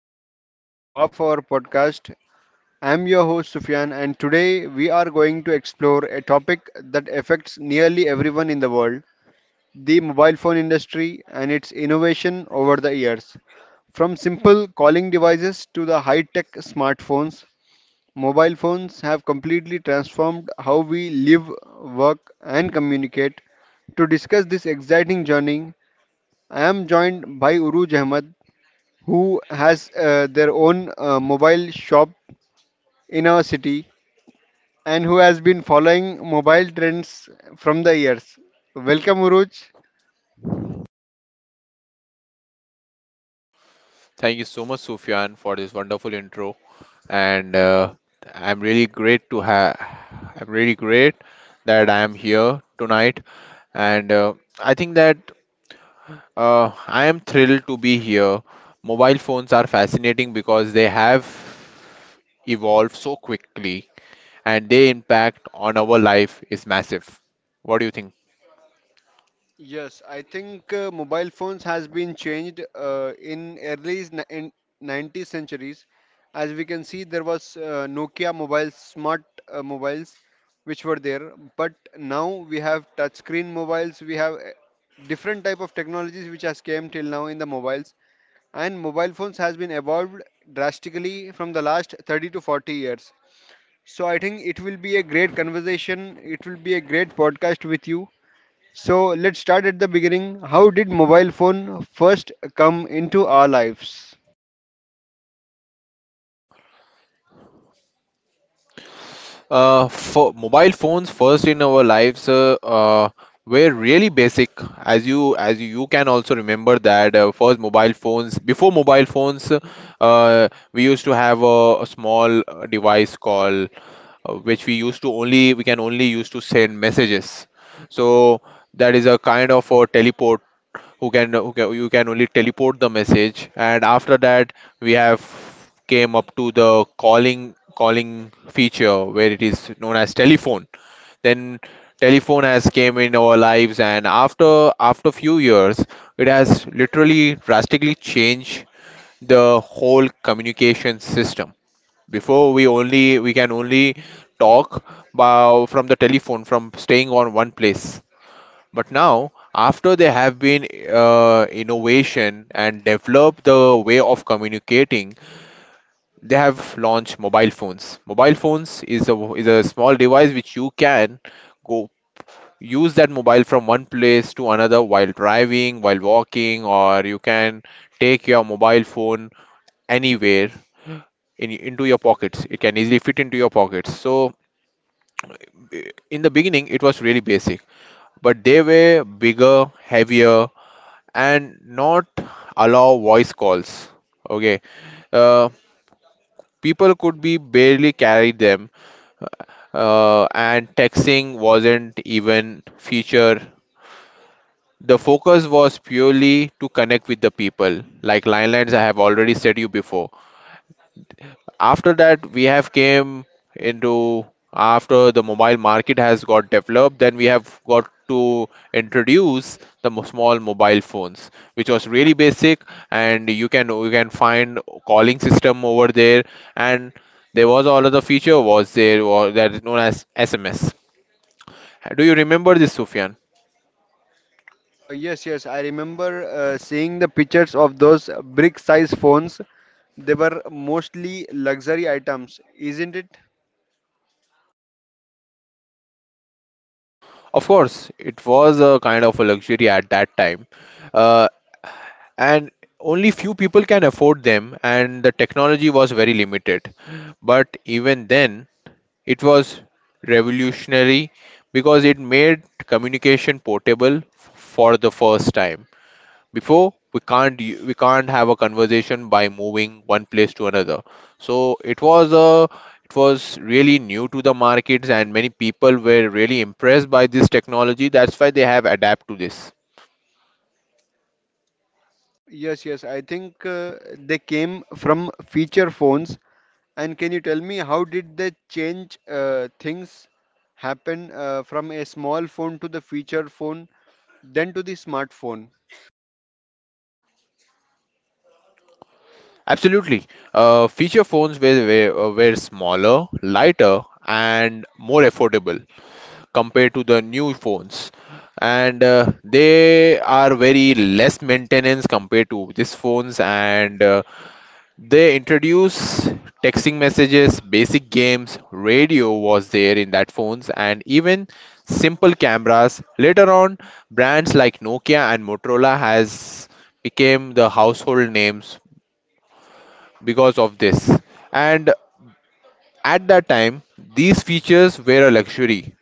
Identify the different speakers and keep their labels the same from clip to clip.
Speaker 1: today's episode of our podcast. I'm your host Sufyan, and today we are going to explore a topic that affects nearly everyone in the world, the mobile phone industry and its innovation over the years. From simple calling devices to the high tech smartphones, mobile phones have completely transformed how we live, work, and communicate. To discuss this exciting journey, I am joined by Uruj Ahmed, who has their own mobile shop in our city and who has been following mobile trends from the years. Welcome, Uruj.
Speaker 2: Thank you so much, Sufyan, for this wonderful intro. And I'm really great that I am here tonight. And I think that I am thrilled to be here. Mobile phones are fascinating because they have evolved so quickly, and their impact on our life is massive. What do you think?
Speaker 1: Yes, I think mobile phones has been changed in early in 90s centuries. As we can see, there was Nokia mobiles, smart mobiles, which were there. But now we have touchscreen mobiles. We have different type of technologies which has came till now in the mobiles, and mobile phones has been evolved drastically from the last 30 to 40 years. So I think it will be a great conversation. It will be a great podcast with you. So let's start at the beginning. How did mobile phone first come into our lives?
Speaker 2: For mobile phones first in our lives were really basic. As you can also remember that first mobile phones before mobile phones, we used to have a small device called which we used to only we can only use to send messages. So that is a kind of a teleport who can you can only teleport the message, and after that we have came up to the calling feature where it is known as telephone. Then telephone has came in our lives, and after few years it has literally drastically changed the whole communication system. Before we only we can only talk from the telephone, from staying on one place. But now, after they have been innovation and developed the way of communicating, they have launched mobile phones. Mobile phones is a small device which you can go use that mobile from one place to another while driving, while walking, or you can take your mobile phone anywhere into your pockets. It can easily fit into your pockets. So, in the beginning, it was really basic, but they were bigger, heavier, and not allow voice calls. Okay, uh, people could be barely carry them, and texting wasn't even feature. The focus was purely to connect with the people. Like landlines. I have already said you before. After that we have came into after the mobile market has got developed, then we have got to introduce the small mobile phones which was really basic, and you can find calling system over there, and there was all other feature was there was that is known as SMS. Do you remember this, Sufyan?
Speaker 1: Yes, yes, I remember seeing the pictures of those brick size phones. They were mostly luxury items, isn't it?
Speaker 2: Of course it was a kind of a luxury at that time. Uh, and Only few people can afford them, and the technology was very limited, but even then it was revolutionary, because it made communication portable for the first time. Before we can't have a conversation by moving one place to another. So it was a it was really new to the markets, and many people were really impressed by this technology. That's why they have adapted to this.
Speaker 1: Yes, yes, I think they came from feature phones. And can you tell me how did they change things happen from a small phone to the feature phone, then to the smartphone?
Speaker 2: Absolutely. Feature phones were smaller, lighter, and more affordable compared to the new phones. And They are very less maintenance compared to these phones. And They introduce texting messages, basic games, radio was there in that phones, and even simple cameras. Later on, brands like Nokia and Motorola has became the household names because of this. And at that time, these features were a luxury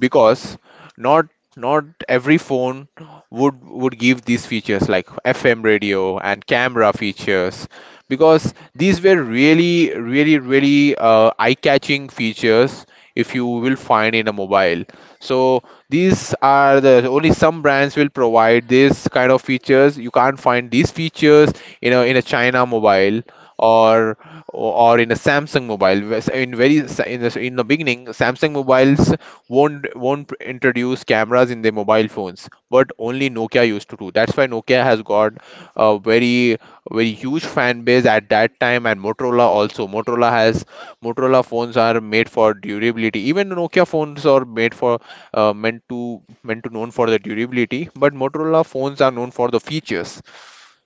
Speaker 2: because not not every phone would give these features like FM radio and camera features, because these were really really really eye-catching features if you will find in a mobile. So these are the only some brands will provide this kind of features. You can't find these features in a China mobile, or or in a Samsung mobile. Whereas in very in the beginning, Samsung mobiles won't introduce cameras in their mobile phones, but only Nokia used to do. That's why Nokia has got a very very huge fan base at that time. And Motorola also, Motorola phones are made for durability. Even Nokia phones are made for meant to known for the durability, but Motorola phones are known for the features.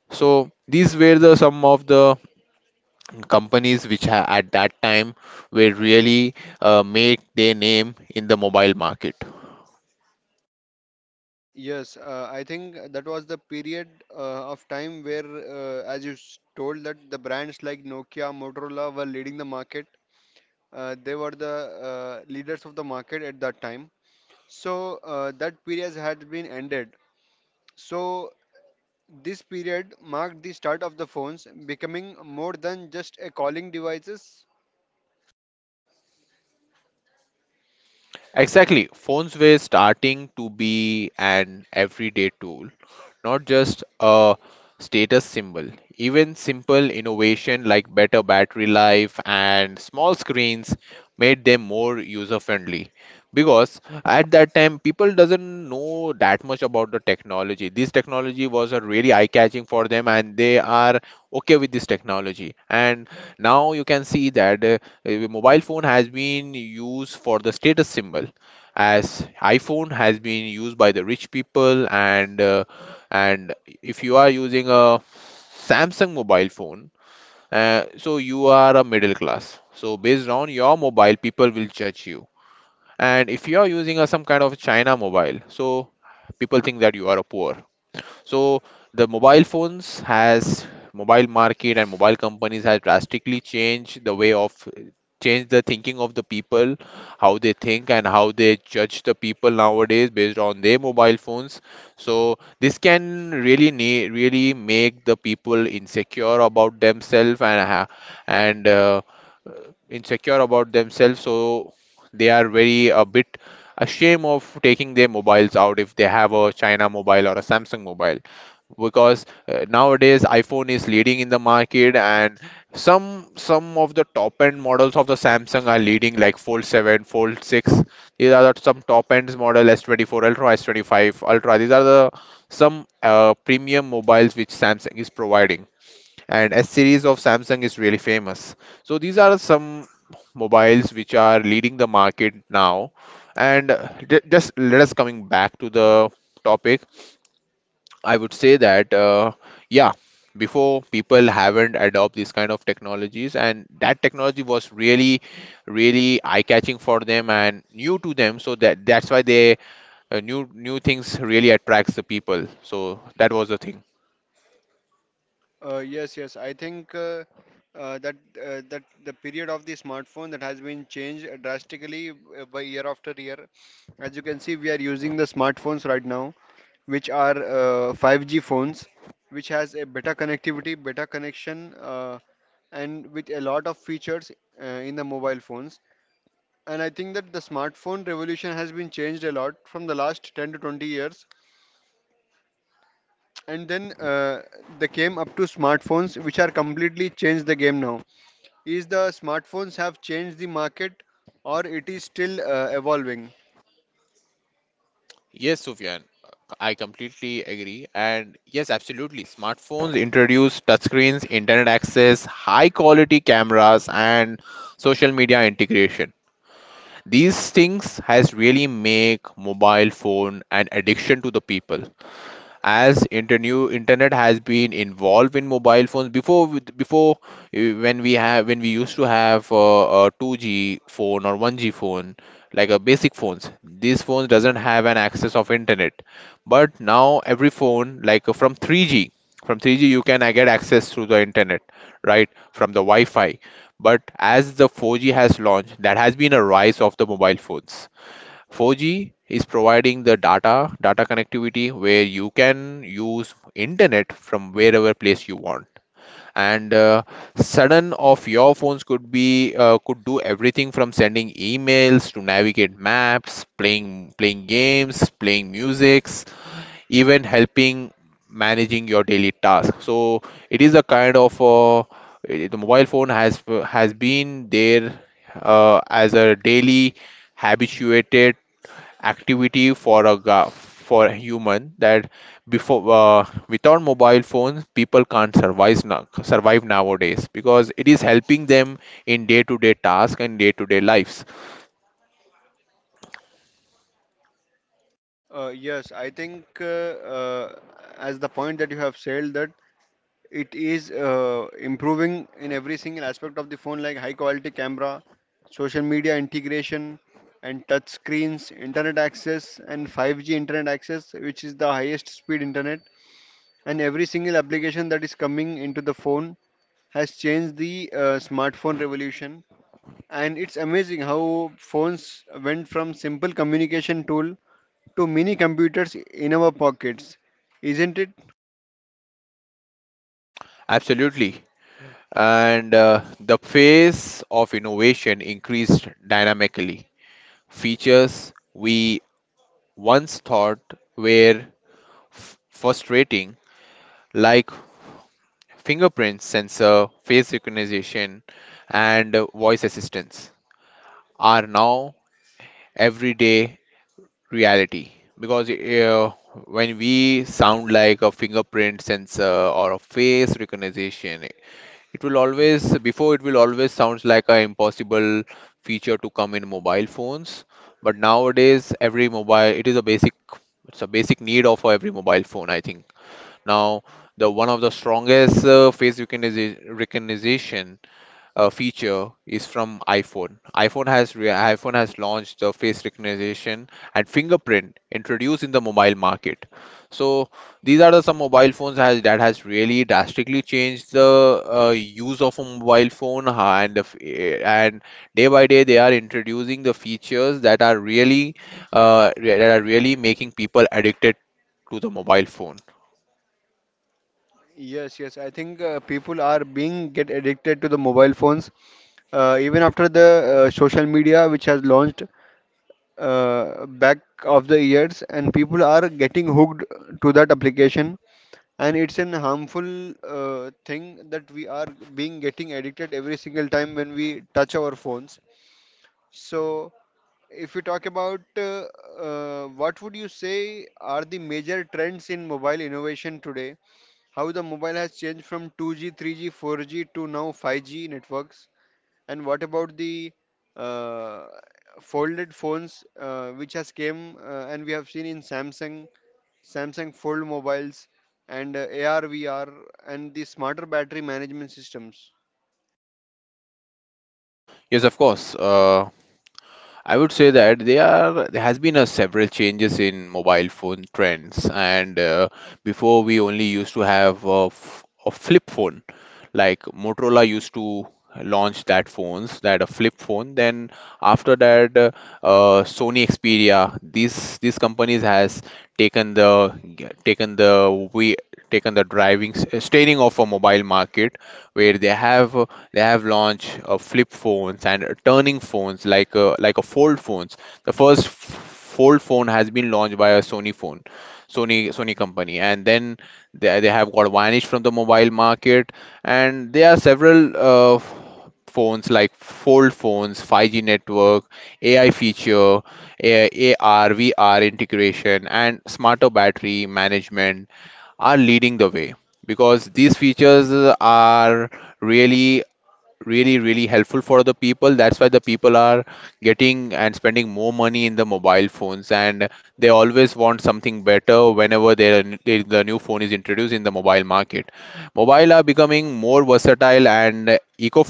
Speaker 2: So these were the some of the companies which at that time were really make their name in the mobile market.
Speaker 1: Yes, I think that was the period of time where, as you told, that the brands like Nokia, Motorola were leading the market. They were the leaders of the market at that time. So that period had been ended. So this period marked the start of the phones becoming more than just a calling devices.
Speaker 2: Exactly. Phones were starting to be an everyday tool, not just a status symbol. Even simple innovation like better battery life and small screens made them more user friendly, because at that time people doesn't know that much about the technology. This technology was a really eye catching for them, and they are okay with this technology. And now you can see that a mobile phone has been used for the status symbol, as iPhone has been used by the rich people, and if you are using a Samsung mobile phone, so you are a middle class. So based on your mobile, people will judge you. And if you are using a some kind of China mobile, so people think that you are a poor. So the mobile phones has mobile market and mobile companies has drastically changed the way of changed the thinking of the people, how they think and how they judge the people nowadays based on their mobile phones. So this can really really make the people insecure about themselves and and uh, insecure about themselves. So they are very a bit ashamed of taking their mobiles out if they have a China mobile or a Samsung mobile, because nowadays iPhone is leading in the market, and some of the top end models of the Samsung are leading like Fold 7, Fold 6. These are the some top ends model S24 Ultra, S25 Ultra. These are the some premium mobiles which Samsung is providing, and S series of Samsung is really famous. So these are some mobiles which are leading the market now. Just let us coming back to the topic. I would say that, yeah, before people haven't adopt these kind of technologies, and that technology was really, really eye-catching for them and new to them. So that that's why they new things really attracts the people. So that was the thing.
Speaker 1: Yes, yes. I think uh, that that the period of the smartphone that has been changed drastically by year after year. As you can see, we are using the smartphones right now, which are 5G phones, which has a better connectivity, better connection, and with a lot of features uh, in the mobile phones. And I think that the smartphone revolution has been changed a lot from the last 10 to 20 years. And then they came up to smartphones, which are completely changed the game now. Is the smartphones have changed the market, or it is still evolving?
Speaker 2: Yes, Sufyan, I completely agree. And yes, absolutely. Smartphones introduced touchscreens, internet access, high-quality cameras, and social media integration. These things has really make mobile phone an addiction to the people, as new internet has been involved in mobile phones before when we have when we used to have a 2G phone or 1G phone, like a basic phones. These phones doesn't have an access of internet, but now every phone like from 3G from 3G you can get access through the internet, right from the Wi-Fi. But as the 4G has launched, that has been a rise of the mobile phones. 4G is providing the data connectivity where you can use internet from wherever place you want. And Sudden of your phones could be could do everything, from sending emails to navigate maps, playing games, playing musics, even helping managing your daily task. So it is a kind of the mobile phone has been there as a daily habituated activity for a for a human. That before without mobile phones people can't survive nowadays, because it is helping them in day to day task and day to day lives.
Speaker 1: Yes, I think as the point that you have said, that it is improving in every single aspect of the phone like high quality camera, social media integration and touch screens, internet access and 5G internet access which is the highest speed internet, and every single application that is coming into the phone has changed the smartphone revolution. And it's amazing how phones went from simple communication tool to mini computers in our pockets, isn't it?
Speaker 2: Absolutely. And The pace of innovation increased dynamically. Features we once thought were frustrating, like fingerprint sensor, face recognition, and voice assistance, are now everyday reality. Because when we sound like a fingerprint sensor or a face recognition, it will always, before it will always sounds like an impossible feature to come in mobile phones. But nowadays, every mobile, it is a basic, it's a basic need of every mobile phone, I think. Now, the one of the strongest face recognition feature is from iPhone. iPhone has launched the face recognition and fingerprint introduced in the mobile market. So these are the some mobile phones has that has really drastically changed the use of a mobile phone and day by day they are introducing the features that are really that are really making people addicted to the mobile phone.
Speaker 1: Yes, yes. I think people are being get addicted to the mobile phones, even after the social media which has launched back of the years, and people are getting hooked to that application. And it's an harmful thing that we are being getting addicted every single time when we touch our phones. So if you talk about what would you say are the major trends in mobile innovation today, how the mobile has changed from 2G, 3G, 4G to now 5G networks, and what about the uh, folded phones which has came and we have seen in Samsung, Samsung fold mobiles and AR, VR, and the smarter battery management systems?
Speaker 2: Yes, of course. I would say that there has been a several changes in mobile phone trends, and before we only used to have a a flip phone, like Motorola used to launch that phones, that a flip phone. Then after that, Sony Xperia, these companies has taken the taken the we taken the driving steering of a mobile market, where they have launched flip phones and turning phones like a fold phones. The first fold phone has been launched by a Sony phone, Sony company, and then they have got vanished from the mobile market. And there are several phones like fold phones, 5G network, AI feature, AR, VR integration, and smarter battery management are leading the way because these features are really really really helpful for the people. That's why the people are getting and spending more money in the mobile phones, and they always want something better whenever the new phone is introduced in the mobile market. Mobile are becoming more versatile and eco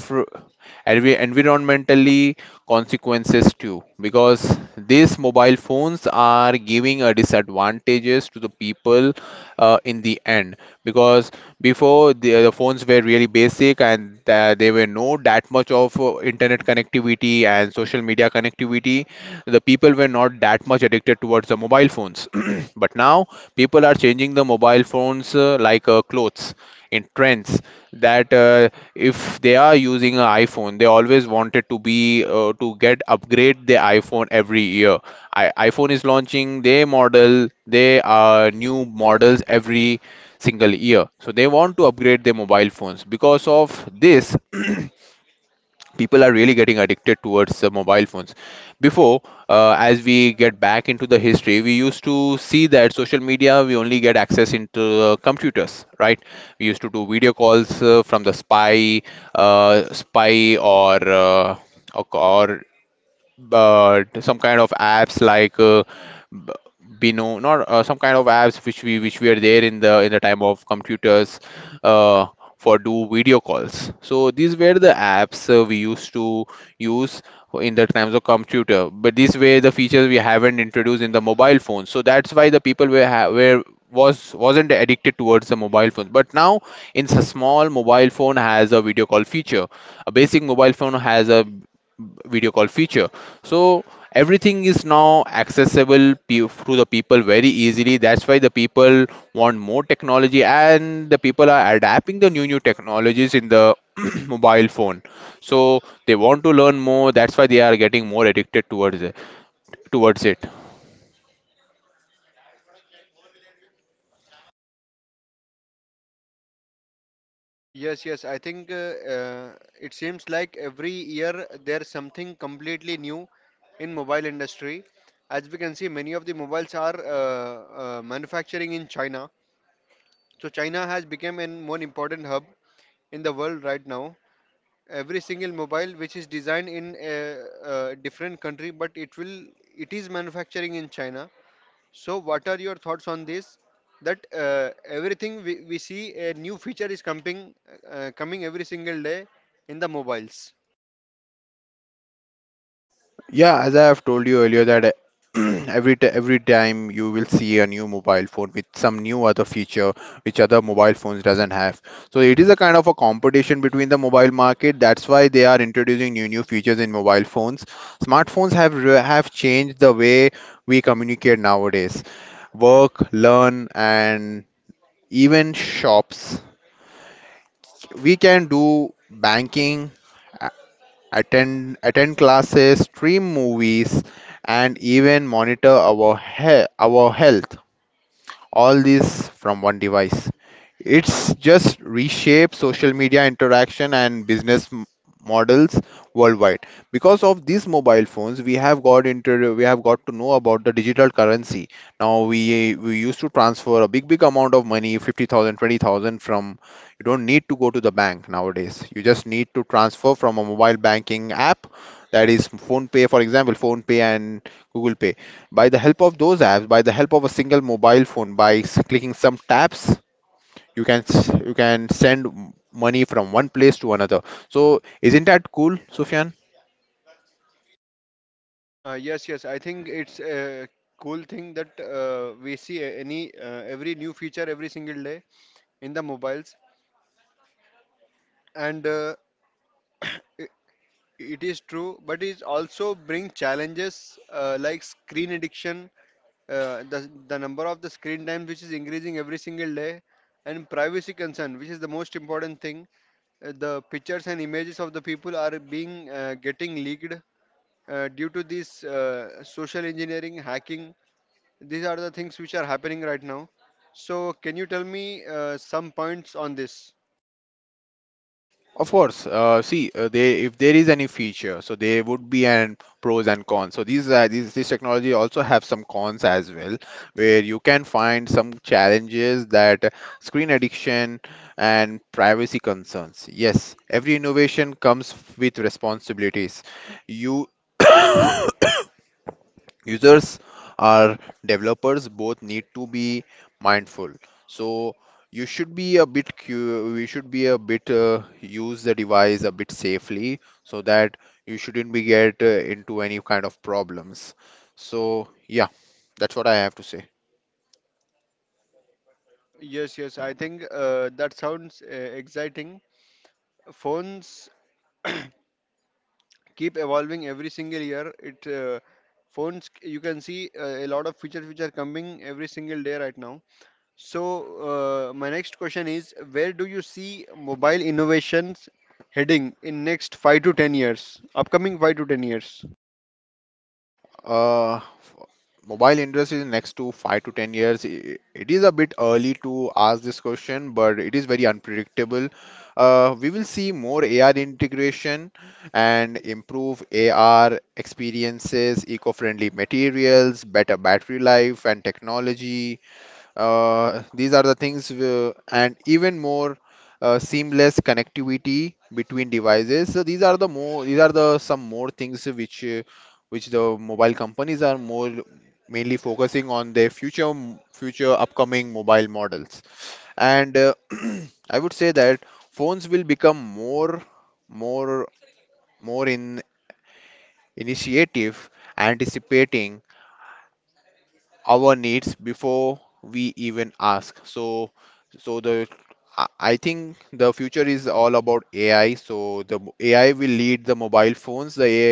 Speaker 2: environmentally consequences too, because these mobile phones are giving a disadvantages to the people in the end. Because before, the phones were really basic, and there were no that much of internet connectivity and social media connectivity. The people were not that much addicted towards the mobile phones. But now people are changing the mobile phones like clothes in trends. That if they are using an iPhone, they always wanted to be to get upgrade the iPhone every year. iPhone is launching their model, they are new models every single year. So they want to upgrade their mobile phones. Because of this, people are really getting addicted towards the mobile phones. Before, as we get back into the history, we used to see that social media we only get access into computers, right? We used to do video calls from the spy, spy or but some kind of apps like b- Bino, not some kind of apps which we which were there in the time of computers uh, for do video calls. So these were the apps we used to use in the times of computer. But these were the features we haven't introduced in the mobile phone. So that's why the people were was wasn't addicted towards the mobile phone. But now in a small mobile phone has a video call feature, a basic mobile phone has a video call feature. So everything is now accessible through the people very easily. That's why the people want more technology, and the people are adapting the new new technologies in the mobile phone. So they want to learn more. That's why they are getting more addicted towards it.
Speaker 1: Yes, yes. I think it seems like every year there's something completely new in mobile industry. As we can see, many of the mobiles are manufacturing in China. So China has become an one important hub in the world right now. Every single mobile which is designed in a different country, but it is manufacturing in China. So, what are your thoughts on this? That everything we see a new feature is coming coming every single day in the mobiles.
Speaker 2: Yeah, as I have told you earlier that every time you will see a new mobile phone with some new other feature which other mobile phones doesn't have. So it is a kind of a competition between the mobile market. That's why they are introducing new new features in mobile phones. Smartphones have changed the way we communicate nowadays. Work, learn, and even shops. We can do banking, attend classes, stream movies, and even monitor our health. All this from one device. It's just reshape social media interaction and business models worldwide. Because of these mobile phones, we have got to know about the digital currency. Now we used to transfer a big big amount of money, 50,000 20,000 from, you don't need to go to the bank nowadays. You just need to transfer from a mobile banking app, that is phone pay, for example phone pay and google pay. By the help of those apps, by the help of a single mobile phone, by clicking some taps, you can you can send money from one place to another. So isn't that cool, Sufyan?
Speaker 1: Yes, yes. I think it's a cool thing that we see any every new feature every single day in the mobiles, and it is true, but it also brings challenges like screen addiction, the number of the screen time which is increasing every single day, and privacy concern, which is the most important thing. The pictures and images of the people are being getting leaked due to this social engineering, hacking. These are the things which are happening right now. So, can you tell me some points on this?
Speaker 2: Of course, see, they if there is any feature, so there would be an pros and cons. So these this technology also have some cons as well, where you can find some challenges, that screen addiction and privacy concerns. Yes, every innovation comes with responsibilities. You users or developers both need to be mindful. So you should be a bit we should be a bit use the device a bit safely, so that you shouldn't be get into any kind of problems. So yeah, that's what I have to say.
Speaker 1: Yes, yes, I think that sounds exciting. Phones keep evolving every single year. It Phones, you can see a lot of features which are coming every single day right now. So my next question is, where do you see mobile innovations heading in next 5 to 10 years? Upcoming 5 to 10 years.
Speaker 2: Uh, f- Mobile industry in next to 5 to 10 years, it is a bit early to ask this question, but it is very unpredictable. We will see more AR integration and improve AR experiences, eco-friendly materials, better battery life and technology, these are the things, and even more seamless connectivity between devices. So these are the some more things which the mobile companies are more mainly focusing on their future future upcoming mobile models. And I would say that phones will become more more in initiative, anticipating our needs before we even ask. So so the I think the future is all about AI. So AI will lead the mobile phones, the AI,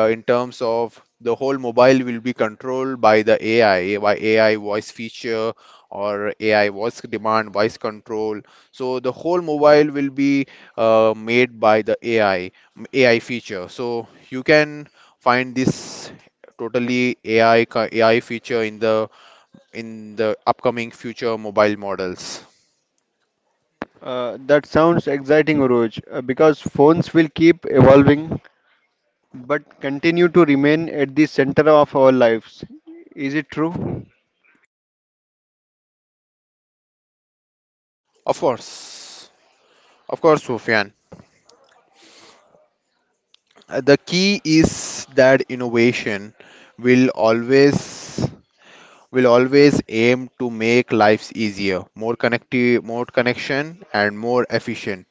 Speaker 2: in terms of the whole mobile will be controlled by the AI, by AI voice feature, or AI voice demand voice control. So the whole mobile will be made by the AI AI feature. So you can find this totally AI feature in the upcoming future mobile models.
Speaker 1: That sounds exciting, Oroj, because phones will keep evolving but continue to remain at the center of our lives. Is it true?
Speaker 2: Of course, of course, Sufyan. The key is that innovation will always will always aim to make lives easier, more connective, more connection, and more efficient.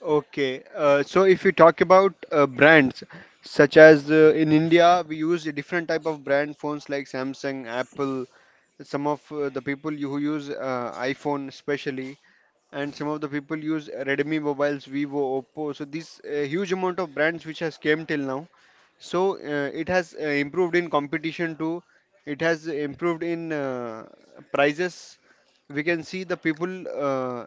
Speaker 1: Okay, so if you talk about brands such as in India, we use a different type of brand phones like Samsung, Apple, some of the people who use iphone especially, and some of the people use redmi mobiles, vivo, oppo. So this huge amount of brands which has came till now, so it has improved in competition too. It has improved in prices. We can see the people uh,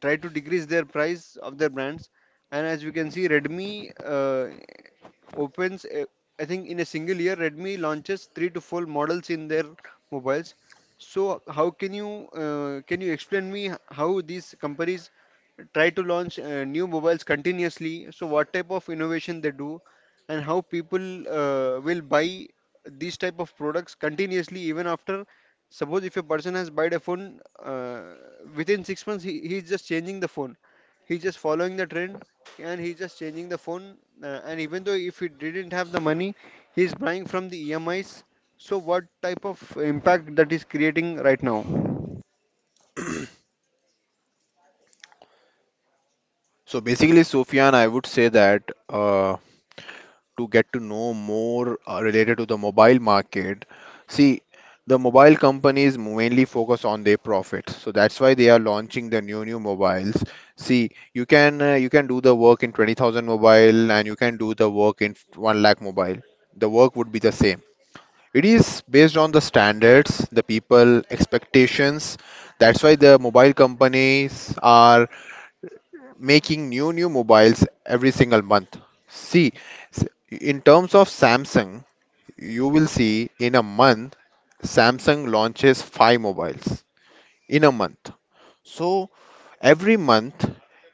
Speaker 1: try to decrease their price of their brands, and as we can see redmi uh, opens, I think in a single year redmi launches 3 to 4 models in their mobiles. So how can you explain me how these companies try to launch new mobiles continuously? So what type of innovation they do, and how people will buy these type of products continuously even after. Suppose if a person has bought a phone within 6 months, he's just changing the phone. He's just following the trend, and he's just changing the phone. And even though if he didn't have the money, he's buying from the EMIs. So, what type of impact that is creating right now?
Speaker 2: So basically, Sufyan, I would say that to get to know more related to the mobile market. See, the mobile companies mainly focus on their profits, so that's why they are launching the new new mobiles. See, you can do the work in 20,000 mobile, and you can do the work in 1 lakh mobile. The work would be the same. It is based on the standards, the people expectations. That's why the mobile companies are making new new mobiles every single month. See, in terms of Samsung, you will see in a month Samsung launches five mobiles in a month. So every month,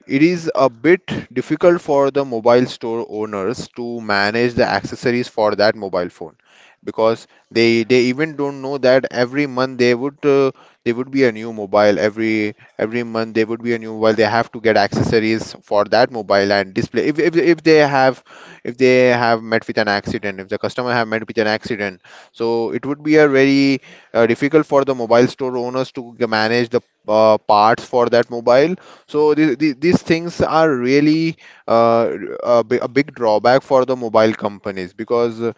Speaker 2: it is a bit difficult for the mobile store owners to manage the accessories for that mobile phone, because they even don't know that every month they would be a new mobile, every month they would be a new mobile, they have to get accessories for that mobile and display. If they have, if they have met with an accident, if the customer have met with an accident, so it would be a very difficult for the mobile store owners to manage parts for that mobile. So these things are really uh, a big drawback for the mobile companies,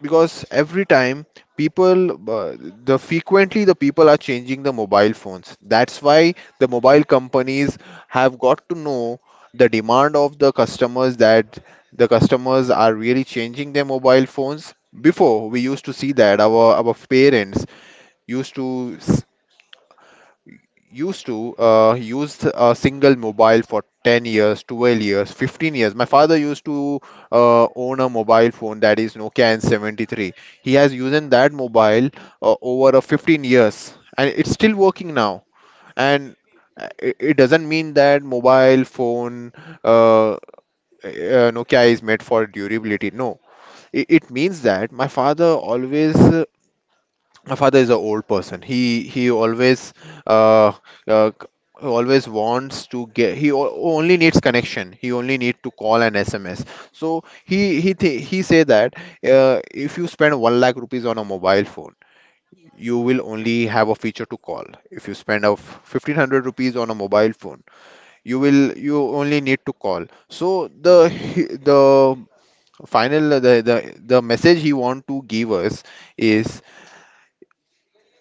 Speaker 2: because every time people the frequently the people are changing the mobile phones. That's why the mobile companies have got to know the demand of the customers, that the customers are really changing their mobile phones. Before we used to see that our parents used to use a single mobile for 10 years, 12 years, 15 years. My father used to own a mobile phone, that is Nokia N73. He has used that mobile over a 15 years, and it's still working now. And it doesn't mean that mobile phone uh, uh, Nokia is made for durability. No, it means that my father is an old person, he always uh, uh c- always wants to get, only needs connection, he only need to call and sms. So he say that uh, if you spend 1 lakh rupees on a mobile phone, you will only have a feature to call. If you spend of 1500 rupees on a mobile phone, you will you only need to call. So the he- the final the message he want to give us is,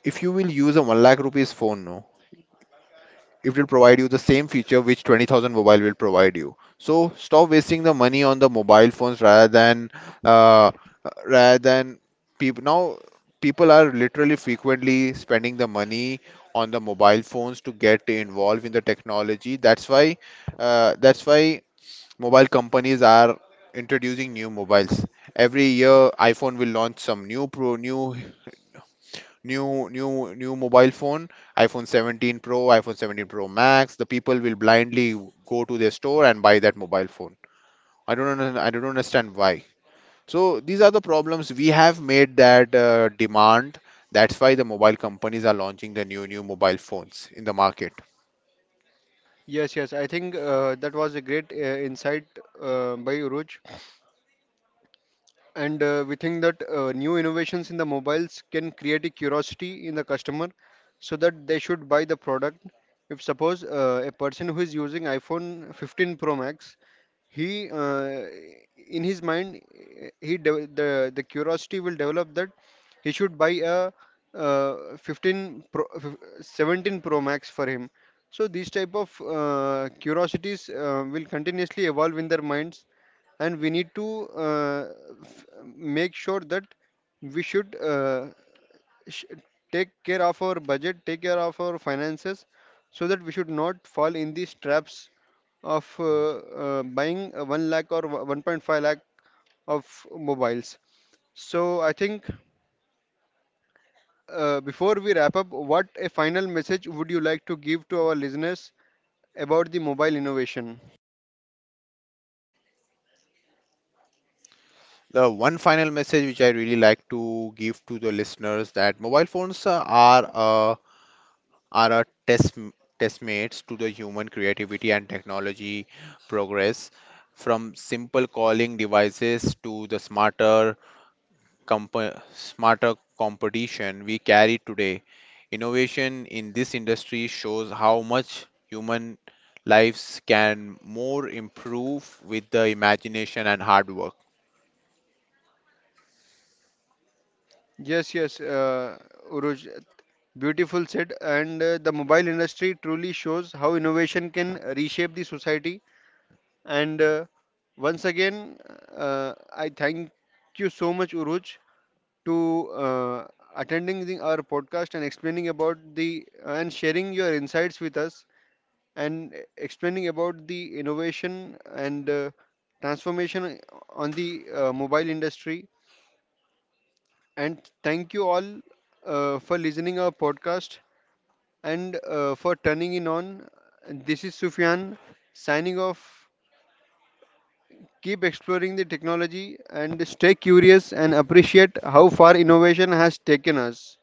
Speaker 2: if you will use a 1 lakh rupees phone now, it will provide you the same feature which 20,000 mobile will provide you. So stop wasting the money on the mobile phones. Uh, rather than People now, people are literally frequently spending the money on the mobile phones to get involved in the technology. That's why mobile companies are introducing new mobiles every year. iPhone will launch some new new new new mobile phone, iPhone 17 Pro, iPhone 17 Pro Max, the people will blindly go to their store and buy that mobile phone. I don't understand why. So these are the problems we have made, that demand, that's why the mobile companies are launching the new new mobile phones in the market.
Speaker 1: Yes, yes. I think that was a great insight by Uruj. And we think that new innovations in the mobiles can create a curiosity in the customer so that they should buy the product. If suppose a person who is using iPhone 15 Pro Max, he in his mind the curiosity will develop that he should buy a 15 pro, 17 Pro Max for him. So these type of curiosities will continuously evolve in their minds, and we need to uh, f- make sure that we should sh- take care of our budget, take care of our finances, so that we should not fall in these traps of buying 1 lakh or 1.5 lakh of mobiles. So I think before we wrap up, what a final message would you like to give to our listeners about the mobile innovation?
Speaker 2: The one final message which I really like to give to the listeners, that mobile phones are a test testmates to the human creativity and technology progress, from simple calling devices to the smarter smarter competition we carry today. Innovation in this industry shows how much human lives can more improve with the imagination and hard work.
Speaker 1: Yes, yes, Uruj, beautiful said. And the mobile industry truly shows how innovation can reshape the society. And once again, I thank you so much, Uruj, to attending the, our podcast and explaining about the and sharing your insights with us and explaining about the innovation and transformation on the mobile industry, and thank you all for listening our podcast and for turning in on. This is Sufyan signing off. Keep exploring the technology and stay curious and appreciate how far innovation has taken us.